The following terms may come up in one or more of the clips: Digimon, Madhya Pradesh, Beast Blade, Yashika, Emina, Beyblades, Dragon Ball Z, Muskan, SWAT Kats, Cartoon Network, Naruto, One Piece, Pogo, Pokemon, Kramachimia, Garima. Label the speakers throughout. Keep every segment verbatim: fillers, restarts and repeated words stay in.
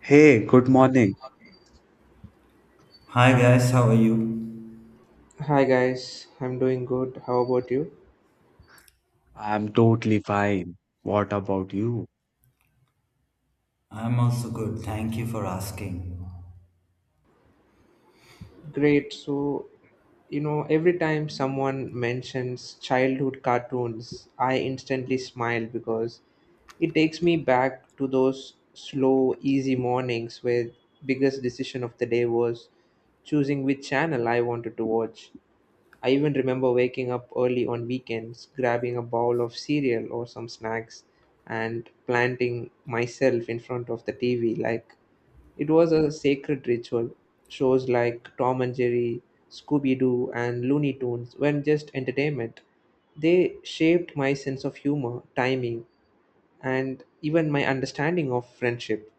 Speaker 1: Hey, good morning.
Speaker 2: Hi guys, how are you?
Speaker 3: Hi guys, I'm doing good. How about you?
Speaker 1: I'm totally fine. What about you?
Speaker 2: I'm also good. Thank you for asking.
Speaker 3: Great. So, you know, every time someone mentions childhood cartoons, I instantly smile because it takes me back to those slow, easy mornings where biggest decision of the day was choosing which channel I wanted to watch. I even remember waking up early on weekends, grabbing a bowl of cereal or some snacks, and planting myself in front of the T V like it was a sacred ritual. Shows like Tom and Jerry, Scooby Doo, and Looney Tunes weren't just entertainment, they shaped my sense of humor, timing, and even my understanding of friendship.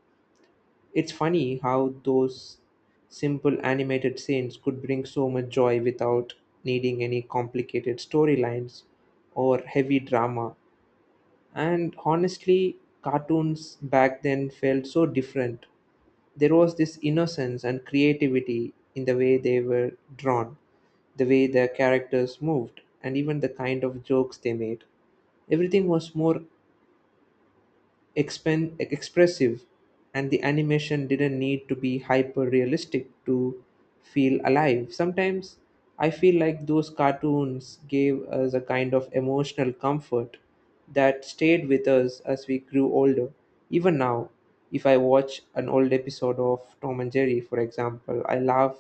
Speaker 3: It's funny how those simple animated scenes could bring so much joy without needing any complicated storylines or heavy drama. And honestly, cartoons back then felt so different. There was this innocence and creativity in the way they were drawn, the way the characters moved, and even the kind of jokes they made. Everything was more Expen expressive, and the animation didn't need to be hyper realistic to feel alive. Sometimes I feel like those cartoons gave us a kind of emotional comfort that stayed with us as we grew older. Even now, if I watch an old episode of Tom and Jerry, for example, I laugh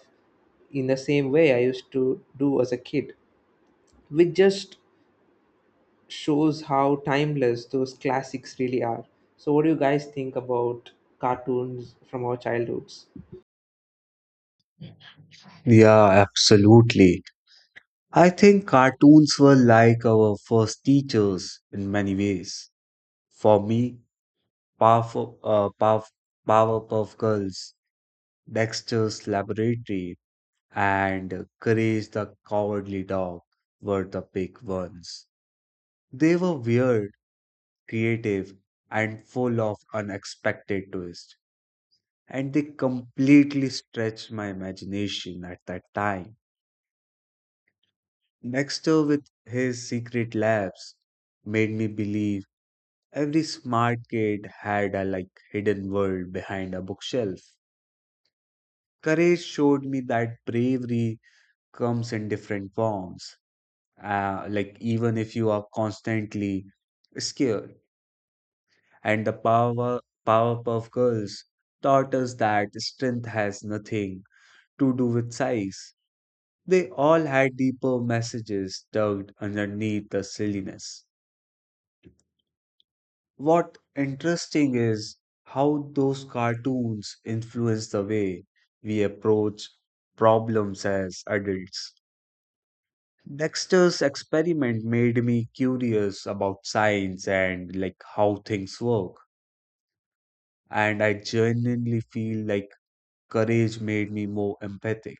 Speaker 3: in the same way I used to do as a kid, which just shows how timeless those classics really are. So, what do you guys think about cartoons from our childhoods?
Speaker 1: Yeah, absolutely. I think cartoons were like our first teachers in many ways. For me, Powerful, uh, Powerf Powerpuff Girls, Dexter's Laboratory, and Courage the Cowardly Dog were the big ones. They were weird, creative, and full of unexpected twists, and they completely stretched my imagination at that time. Dexter with his secret labs made me believe every smart kid had a like hidden world behind a bookshelf. Courage showed me that bravery comes in different forms. Uh, like even if you are constantly scared. And the power Powerpuff Girls taught us that strength has nothing to do with size. They all had deeper messages tucked underneath the silliness. What interesting is how those cartoons influence the way we approach problems as adults. Dexter's experiment made me curious about science and like how things work, and I genuinely feel like courage made me more empathic.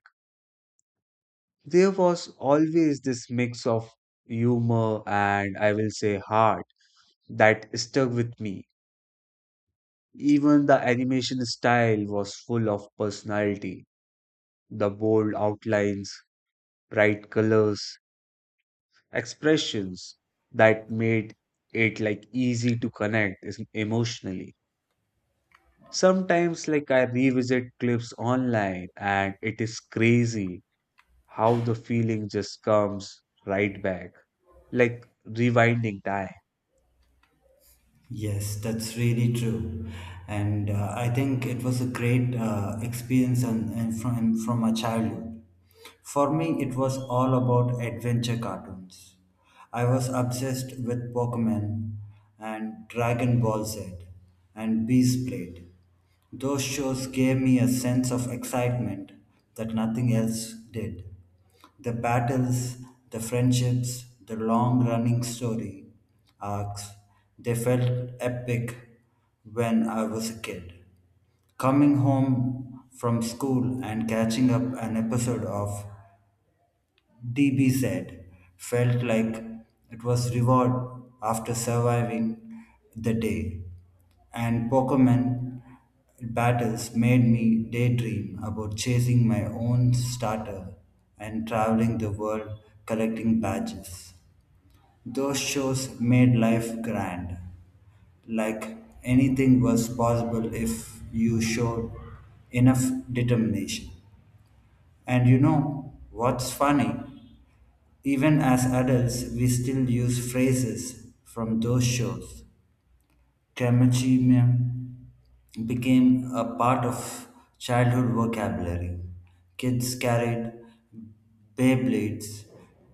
Speaker 1: There was always this mix of humor and I will say heart that stuck with me. Even the animation style was full of personality. The bold outlines, bright colors, expressions that made it like easy to connect is- emotionally. Sometimes like I revisit clips online and it is crazy how the feeling just comes right back, like rewinding time.
Speaker 2: Yes, that's really true. And uh, I think it was a great uh, experience and, and from, from my childhood. For me, it was all about adventure cartoons. I was obsessed with Pokemon and Dragon Ball Z and Beast Blade. Those shows gave me a sense of excitement that nothing else did. The battles, the friendships, the long running story arcs, they felt epic when I was a kid. Coming home from school and catching up an episode of D B said, felt like it was reward after surviving the day. And Pokemon battles made me daydream about chasing my own starter and traveling the world collecting badges. Those shows made life grand, like anything was possible if you showed enough determination. And you know what's funny? Even as adults, we still use phrases from those shows. Kramachimia became a part of childhood vocabulary. Kids carried Beyblades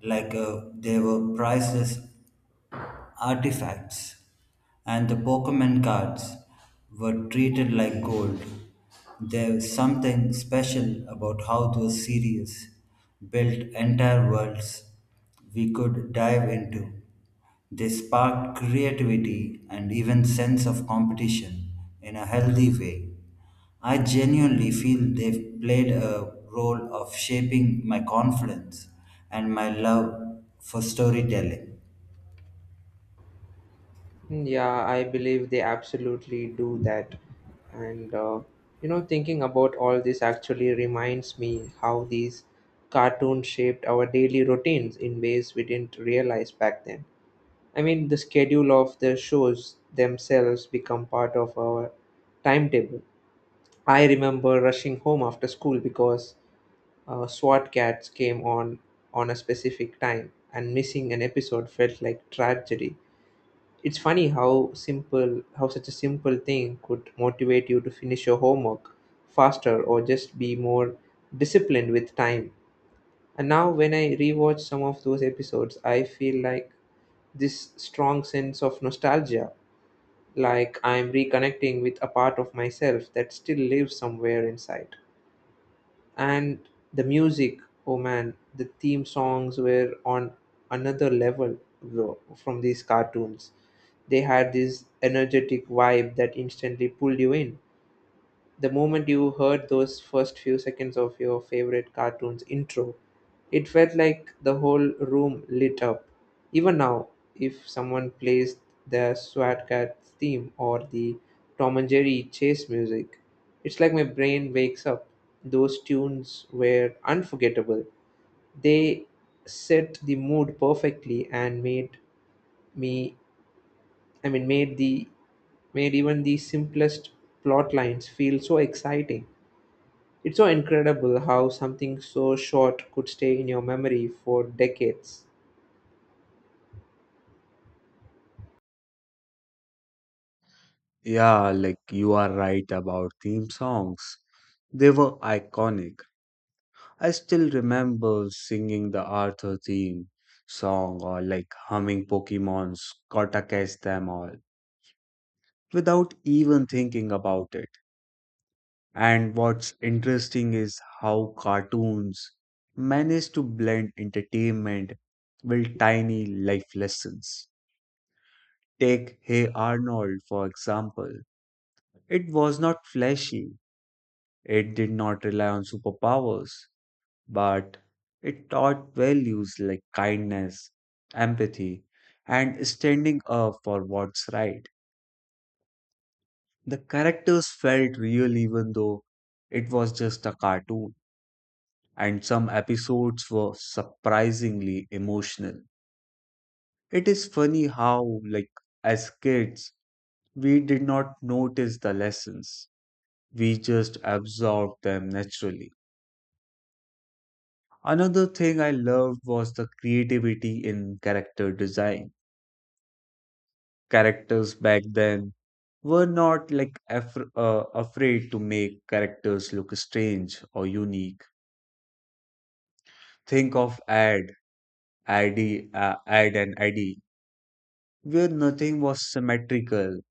Speaker 2: like uh, they were priceless artifacts, and the Pokemon cards were treated like gold. There's something special about how those series built entire worlds we could dive into. They sparked creativity and even sense of competition in a healthy way. I genuinely feel they've played a role of shaping my confidence and my love for storytelling.
Speaker 3: Yeah, I believe they absolutely do that. And, uh, you know, thinking about all this actually reminds me how these cartoons shaped our daily routines in ways we didn't realize back then. I mean, the schedule of the shows themselves become part of our timetable. I remember rushing home after school because Uh, SWAT cats came on on a specific time, and missing an episode felt like tragedy. It's funny how simple, how such a simple thing could motivate you to finish your homework faster or just be more disciplined with time. And now, when I rewatch some of those episodes, I feel like this strong sense of nostalgia, like I'm reconnecting with a part of myself that still lives somewhere inside. And the music, oh man, the theme songs were on another level, bro, from these cartoons. They had this energetic vibe that instantly pulled you in. The moment you heard those first few seconds of your favorite cartoon's intro, it felt like the whole room lit up. Even now, if someone plays the Swat Cat theme or the Tom and Jerry chase music, it's like my brain wakes up. Those tunes were unforgettable. They set the mood perfectly and made me, I mean, made the made even the simplest plot lines feel so exciting. It's so incredible how something so short could stay in your memory for decades.
Speaker 1: Yeah, like you are right about theme songs. They were iconic. I still remember singing the Arthur theme song or like humming Pokemon's Gotta Catch Them All without even thinking about it. And what's interesting is how cartoons manage to blend entertainment with tiny life lessons. Take Hey Arnold, for example. It was not flashy, it did not rely on superpowers, but it taught values like kindness, empathy, and standing up for what's right. The characters felt real even though it was just a cartoon, and some episodes were surprisingly emotional. It is funny how, like, as kids, we did not notice the lessons, we just absorb them naturally. Another thing I loved was the creativity in character design. Characters back then were not like af- uh, afraid to make characters look strange or unique. Think of ad, I D, uh, ad and I D, where nothing was symmetrical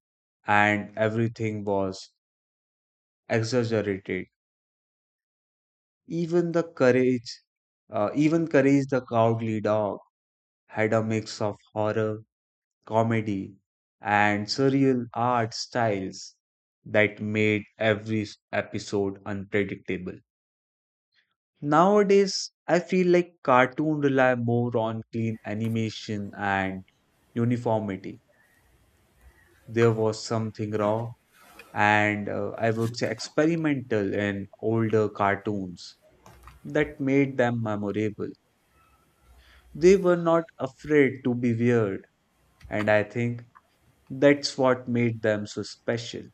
Speaker 1: and everything was exaggerated. Even the courage, uh, even Courage the Cowardly Dog had a mix of horror comedy and surreal art styles that made every episode unpredictable. Nowadays, I feel like cartoons rely more on clean animation and uniformity. There was something raw and uh, I would say experimental in older cartoons that made them memorable. They were not afraid to be weird, and I think that's what made them so special.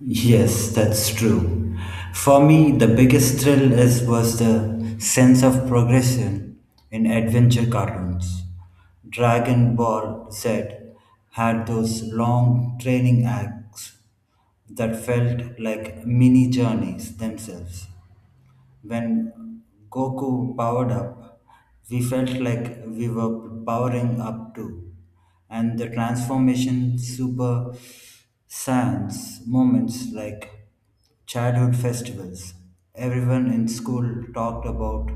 Speaker 2: Yes, that's true. For me, the biggest thrill is was the sense of progression in adventure cartoons. Dragon Ball Z had those long training acts that felt like mini journeys themselves. When Goku powered up, we felt like we were powering up too. And the transformation super science moments like childhood festivals. Everyone in school talked about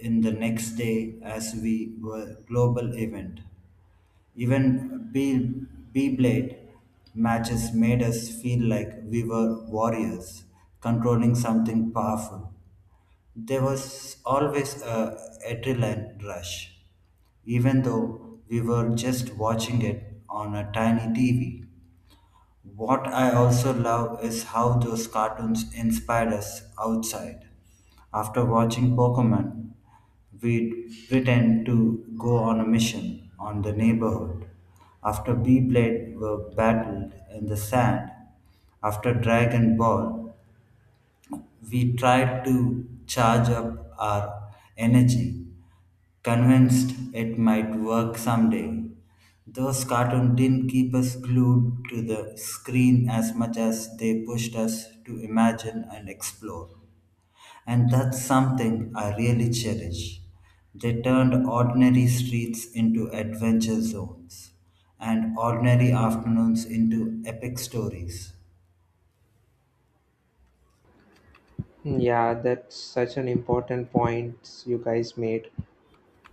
Speaker 2: in the next day as we were global event. Even B- B-Blade matches made us feel like we were warriors controlling something powerful. There was always a adrenaline rush, even though we were just watching it on a tiny T V. What I also love is how those cartoons inspired us outside. After watching Pokemon, we'd pretend to go on a mission on the neighborhood. After Beyblade were battled in the sand, after Dragon Ball, we tried to charge up our energy convinced it might work someday. Those cartoons didn't keep us glued to the screen as much as they pushed us to imagine and explore. And that's something I really cherish. They turned ordinary streets into adventure zones and ordinary afternoons into epic stories.
Speaker 3: Yeah, that's such an important point you guys made.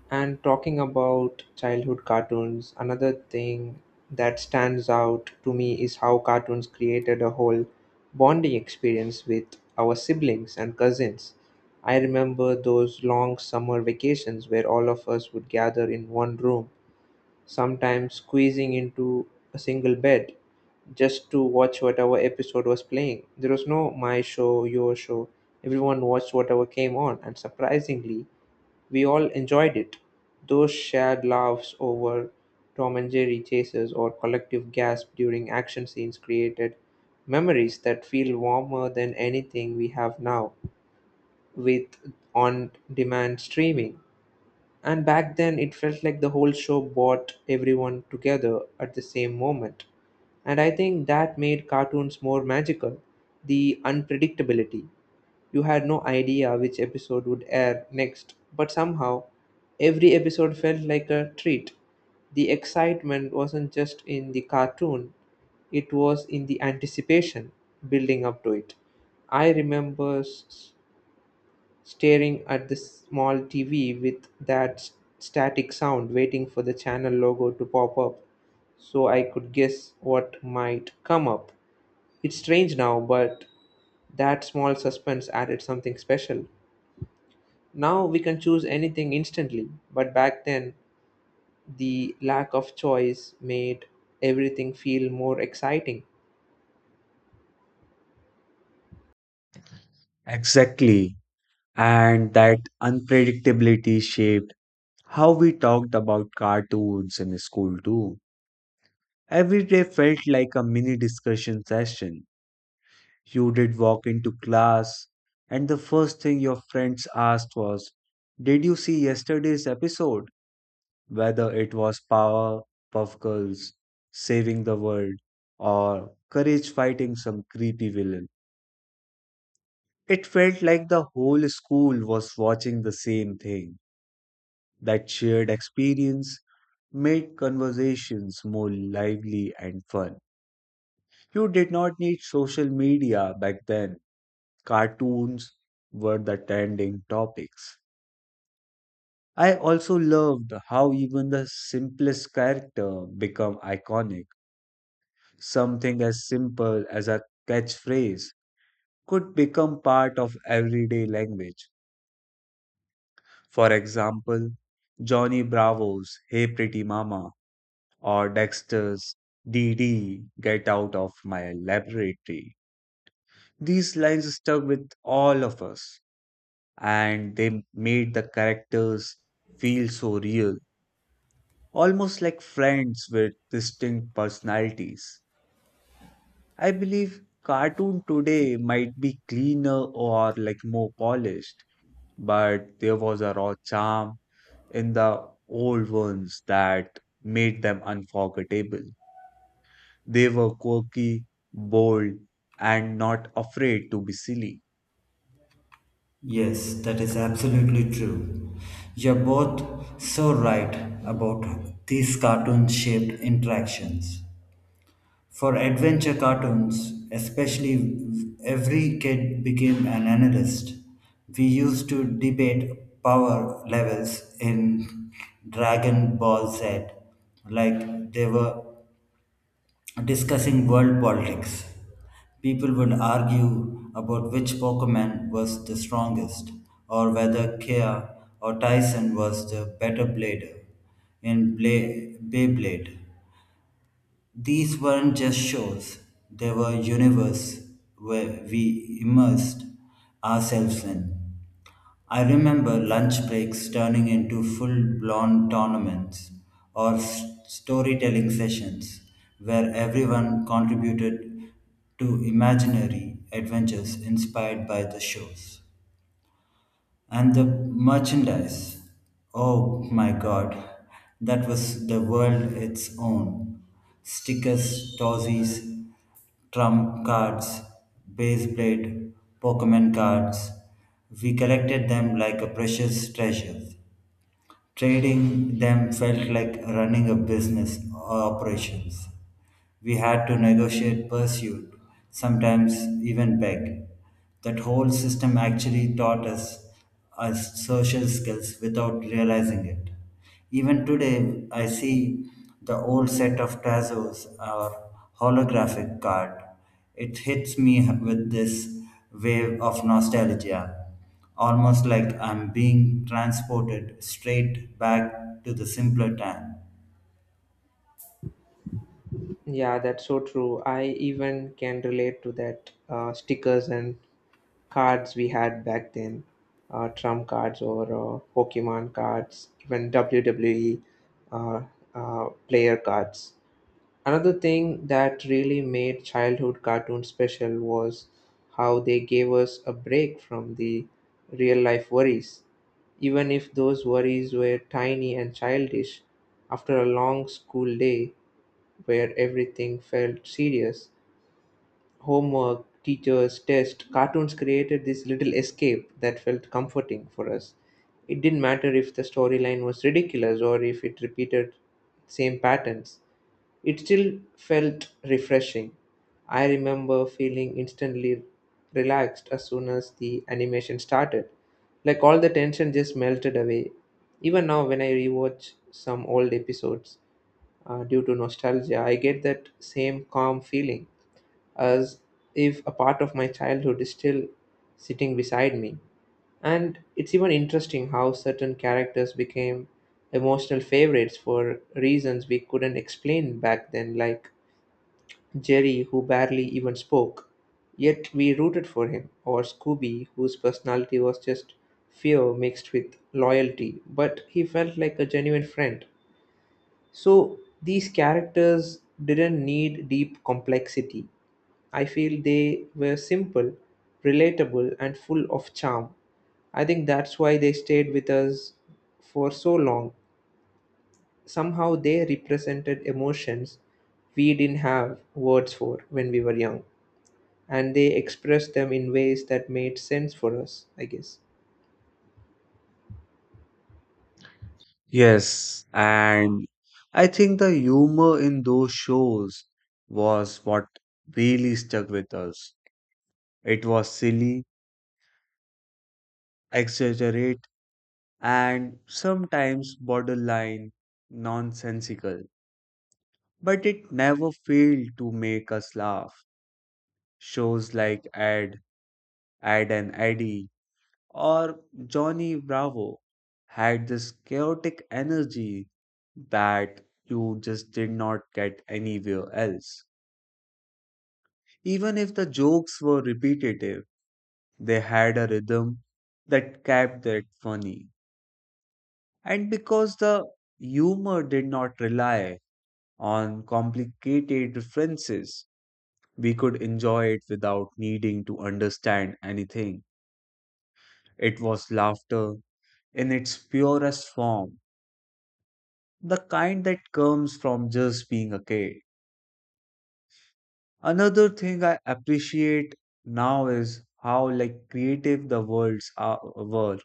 Speaker 3: And talking about childhood cartoons, another thing that stands out to me is how cartoons created a whole bonding experience with our siblings and cousins. I remember those long summer vacations where all of us would gather in one room sometimes squeezing into a single bed just to watch whatever episode was playing. There was no my show, your show. Everyone watched whatever came on, and surprisingly, we all enjoyed it. Those shared laughs over Tom and Jerry chases or collective gasp during action scenes created memories that feel warmer than anything we have now with on demand streaming. And back then, it felt like the whole show brought everyone together at the same moment. And I think that made cartoons more magical the unpredictability. You had no idea which episode would air next, but somehow, every episode felt like a treat. The excitement wasn't just in the cartoon, it was in the anticipation building up to it. I remember s- staring at the small T V with that s- static sound, waiting for the channel logo to pop up so I could guess what might come up. It's strange now, but that small suspense added something special. Now we can choose anything instantly, but back then the lack of choice made everything feel more exciting.
Speaker 1: Exactly, and that unpredictability shaped how we talked about cartoons in school too. Every day felt like a mini discussion session. You did walk into class, and the first thing your friends asked was, "Did you see yesterday's episode?" Whether it was Power Puff Girls saving the world or Courage fighting some creepy villain. It felt like the whole school was watching the same thing. That shared experience made conversations more lively and fun. You did not need social media back then. Cartoons were the trending topics. I also loved how even the simplest character become iconic. Something as simple as a catchphrase could become part of everyday language. For example, Johnny Bravo's "Hey Pretty Mama" or Dexter's "D D Get Out of My Laboratory." These lines stuck with all of us, and they made the characters feel so real, almost like friends with distinct personalities. I believe cartoon today might be cleaner or like more polished, but there was a raw charm in the old ones that made them unforgettable. They were quirky, bold, and not afraid to be silly.
Speaker 2: Yes, that is absolutely true. You're both so right about these cartoon shaped interactions. For adventure cartoons, especially, every kid became an analyst. We used to debate power levels in Dragon Ball Z, like they were discussing world politics. People would argue about which Pokemon was the strongest, or whether Kea or Tyson was the better blader in Bla- Beyblade. These weren't just shows, they were universe where we immersed ourselves in. I remember lunch breaks turning into full blown tournaments or s- storytelling sessions where everyone contributed to imaginary adventures inspired by the shows. And the merchandise. Oh my god, that was the world its own. Stickers, tossies, trump cards, base blade, Pokemon cards. We collected them like a precious treasure. Trading them felt like running a business or operations. We had to negotiate pursuit, sometimes even beg. That whole system actually taught us us social skills without realizing it. Even today, I see the old set of tazos or holographic card. It hits me with this wave of nostalgia, almost like I'm being transported straight back to the simpler time.
Speaker 3: Yeah, that's so true. I even can relate to that uh, stickers and cards we had back then uh, trump cards or uh, pokemon cards even wwe uh, uh, player cards another thing that really made childhood cartoons special was how they gave us a break from the real life worries even if those worries were tiny and childish after a long school day where everything felt serious homework, teachers, tests, cartoons created this little escape that felt comforting for us. It didn't matter if the storyline was ridiculous or if it repeated same patterns. It still felt refreshing. I remember feeling instantly relaxed as soon as the animation started. Like all the tension just melted away. Even now, when I rewatch some old episodes uh, due to nostalgia, I get that same calm feeling as if a part of my childhood is still sitting beside me. And it's even interesting how certain characters became emotional favorites for reasons we couldn't explain back then, like Jerry, who barely even spoke, yet we rooted for him, or Scooby, whose personality was just fear mixed with loyalty, but he felt like a genuine friend. So these characters didn't need deep complexity. I feel they were simple, relatable, and full of charm. I think that's why they stayed with us for so long. Somehow they represented emotions we didn't have words for when we were young, and they expressed them in ways that made sense for us, I guess.
Speaker 1: Yes, and I think the humor in those shows was what really stuck with us. It was silly, exaggerate, and sometimes borderline nonsensical, but it never failed to make us laugh. Shows like Ed, Ed and Eddie, or Johnny Bravo had this chaotic energy that you just did not get anywhere else. Even if the jokes were repetitive, they had a rhythm that kept it funny. And because the humor did not rely on complicated references, we could enjoy it without needing to understand anything. It was laughter in its purest form, the kind that comes from just being a kid. Another thing I appreciate now is how like creative the worlds are, were.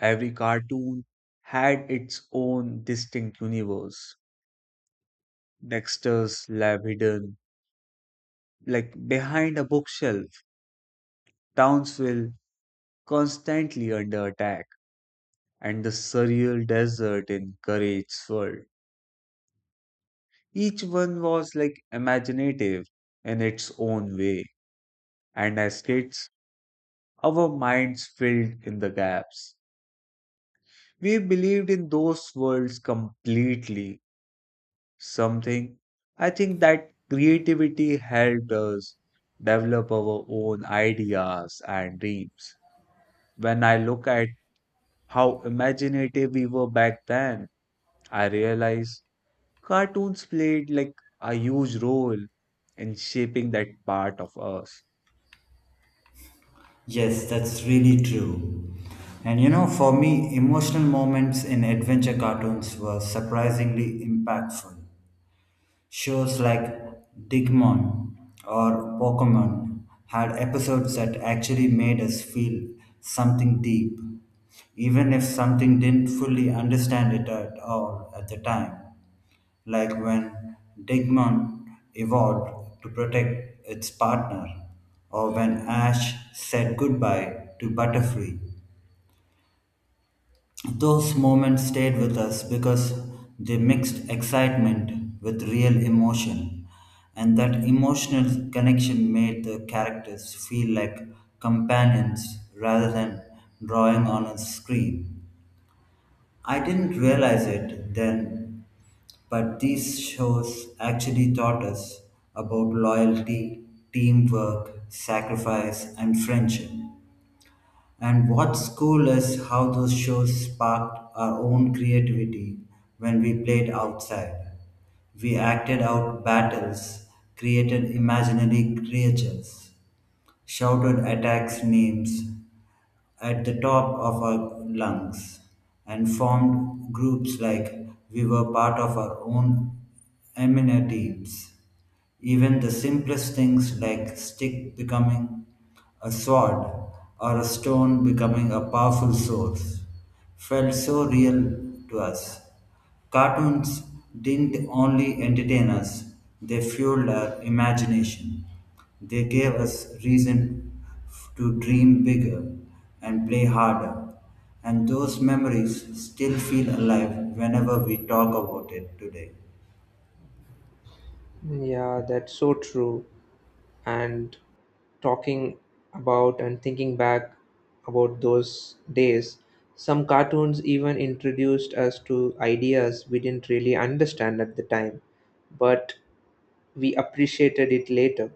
Speaker 1: Every cartoon had its own distinct universe. Dexter's lab hidden, like behind a bookshelf, Townsville constantly under attack, and the surreal desert in Courage's world. Each one was like imaginative in its own way, and as kids, our minds filled in the gaps. We believed in those worlds completely something. I think that creativity helped us develop our own ideas and dreams. When I look at how imaginative we were back then, I realize cartoons played like a huge role in shaping that part of us.
Speaker 2: Yes, that's really true. And you know, for me, emotional moments in adventure cartoons were surprisingly impactful. Shows like Digimon or Pokemon had episodes that actually made us feel something deep, even if something didn't fully understand it at all at the time like when Digimon evolved to protect its partner, or when Ash said goodbye to Butterfree. Those moments stayed with us because they mixed excitement with real emotion, and that emotional connection made the characters feel like companions rather than drawing on a screen. I didn't realize it then, but these shows actually taught us about loyalty, teamwork, sacrifice, and friendship. And what's cool is how those shows sparked our own creativity when we played outside. We acted out battles, created imaginary creatures, shouted attacks names at the top of our lungs, and formed groups like we were part of our own Emina teams. Even the simplest things like stick becoming a sword or a stone becoming a powerful source felt so real to us. Cartoons didn't only entertain us, they fueled our imagination. They gave us reason f- to dream bigger and play harder. And those memories still feel alive whenever we talk about it today.
Speaker 3: Yeah, that's so true. And talking about and thinking back about those days, some cartoons even introduced us to ideas we didn't really understand at the time, but we appreciated it later,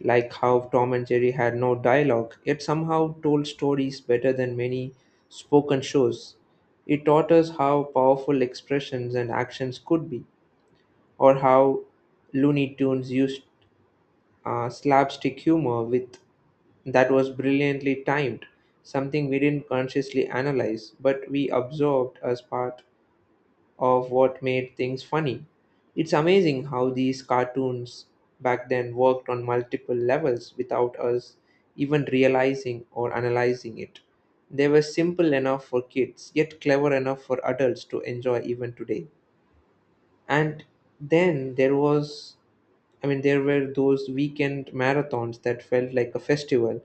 Speaker 3: like how Tom and Jerry had no dialogue, yet somehow told stories better than many spoken shows. It taught us how powerful expressions and actions could be, or how Looney Tunes used uh, slapstick humor with that was brilliantly timed, something we didn't consciously analyze, but we absorbed as part of what made things funny. It's amazing how these cartoons back then worked on multiple levels without us even realizing or analyzing it. They were simple enough for kids, yet clever enough for adults to enjoy even today. And then there was I mean, there were those weekend marathons that felt like a festival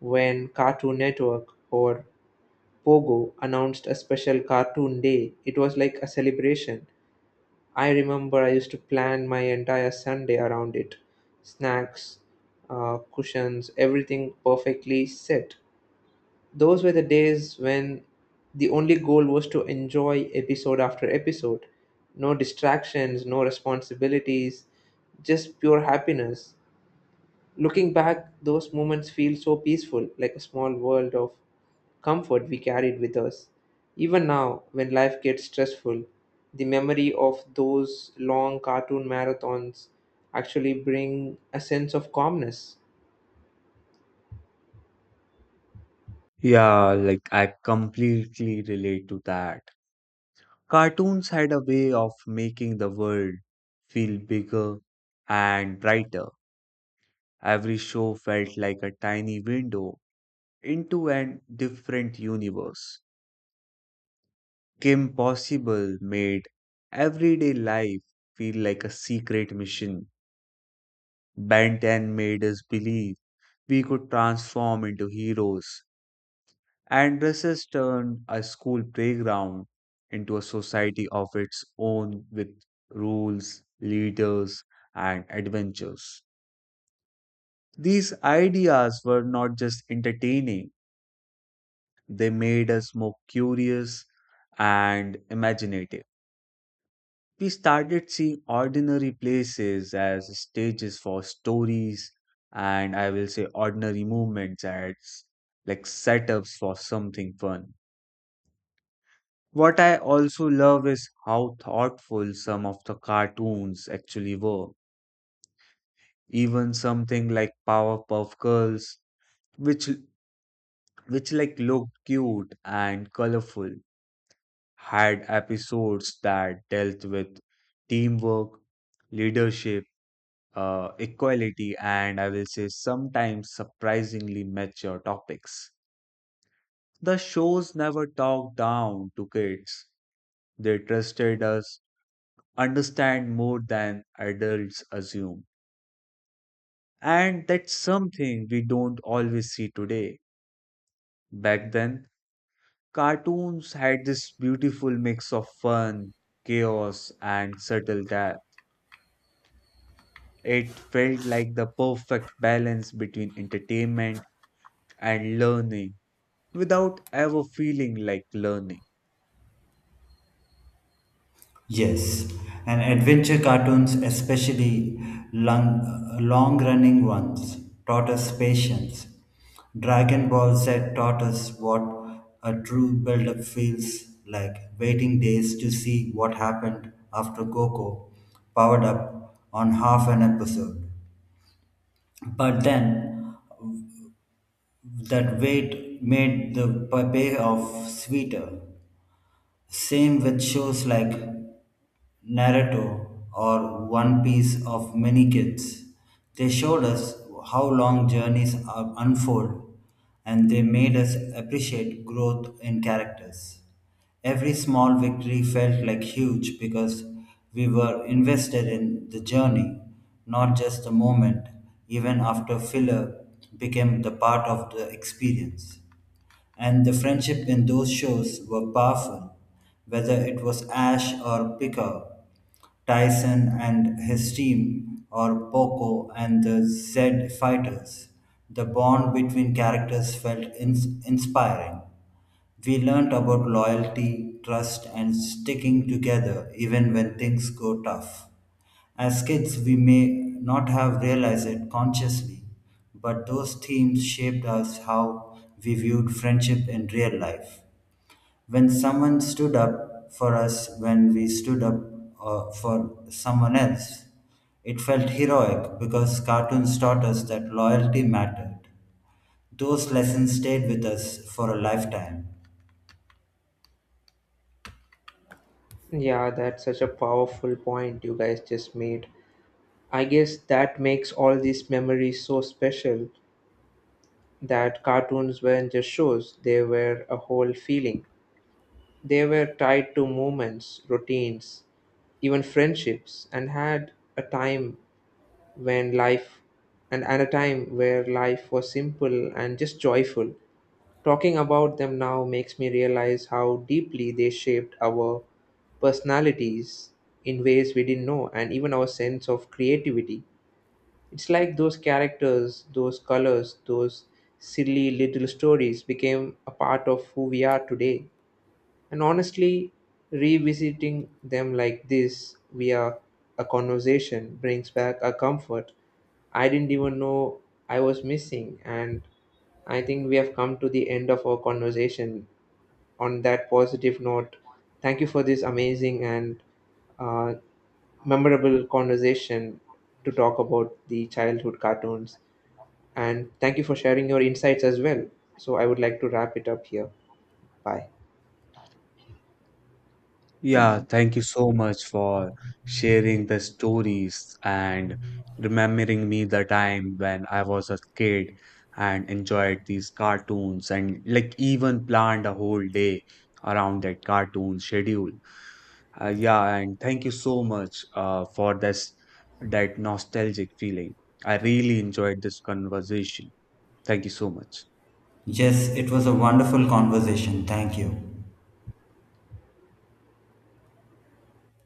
Speaker 3: when Cartoon Network or Pogo announced a special cartoon day. It was like a celebration. I remember I used to plan my entire Sunday around it snacks, uh, cushions, everything perfectly set. Those were the days when the only goal was to enjoy episode after episode. No distractions, no responsibilities, just pure happiness. Looking back, those moments feel so peaceful, like a small world of comfort we carried with us. Even now, when life gets stressful, the memory of those long cartoon marathons actually bring a sense of calmness.
Speaker 1: Yeah, like I completely relate to that. Cartoons had a way of making the world feel bigger and brighter. Every show felt like a tiny window into an different universe. Kim Possible made everyday life feel like a secret mission. Ben ten made us believe we could transform into heroes. And dresses turned a school playground into a society of its own with rules, leaders, and adventures. These ideas were not just entertaining. They made us more curious and imaginative. We started seeing ordinary places as stages for stories and I will say ordinary movements as like setups for something fun. What I also love is how thoughtful some of the cartoons actually were. Even something like Powerpuff Girls, which which like looked cute and colorful, had episodes that dealt with teamwork, leadership, uh, equality, and I will say sometimes surprisingly mature topics. The shows never talked down to kids, they trusted us, understand more than adults assume. And that's something we don't always see today. Back then, cartoons had this beautiful mix of fun, chaos, and subtle depth. It felt like the perfect balance between entertainment and learning without ever feeling like learning.
Speaker 2: Yes, and adventure cartoons, especially long, long-running ones, taught us patience. Dragon Ball Z taught us what a true build-up feels like, waiting days to see what happened after Goku powered up on half an episode. But then, that wait made the payoff sweeter. Same with shows like Naruto or One Piece of many kids. They showed us how long journeys are unfold and they made us appreciate growth in characters. Every small victory felt like huge because we were invested in the journey, not just the moment, even after filler became the part of the experience. And the friendship in those shows were powerful, whether it was Ash or Picard, Tyson and his team, or Poco and the Z fighters. The bond between characters felt ins- inspiring. We learned about loyalty, trust, and sticking together even when things go tough. As kids, we may not have realized it consciously, but those themes shaped us how we viewed friendship in real life. When someone stood up for us, when we stood up uh, for someone else, it felt heroic because cartoons taught us that loyalty mattered. Those lessons stayed with us for a lifetime.
Speaker 3: Yeah, that's such a powerful point you guys just made. I guess that makes all these memories so special that cartoons weren't just shows, they were a whole feeling. They were tied to movements, routines, even friendships, and had a time when life and, and a time where life was simple and just joyful. Talking about them now makes me realize how deeply they shaped our personalities in ways we didn't know and even our sense of creativity. It's like those characters, those colors, those silly little stories became a part of who we are today. And honestly, revisiting them like this via a conversation brings back a comfort I didn't even know I was missing. And I think we have come to the end of our conversation on that positive note. Thank you for this amazing and uh, memorable conversation to talk about the childhood cartoons. And thank you for sharing your insights as well. So I would like to wrap it up here. Bye.
Speaker 1: Yeah, thank you so much for sharing the stories and remembering me the time when I was a kid and enjoyed these cartoons and like even planned a whole day around that cartoon schedule. Uh, yeah, and thank you so much uh, for this that nostalgic feeling. I really enjoyed this conversation. Thank you so much.
Speaker 2: Yes, it was a wonderful conversation. Thank you.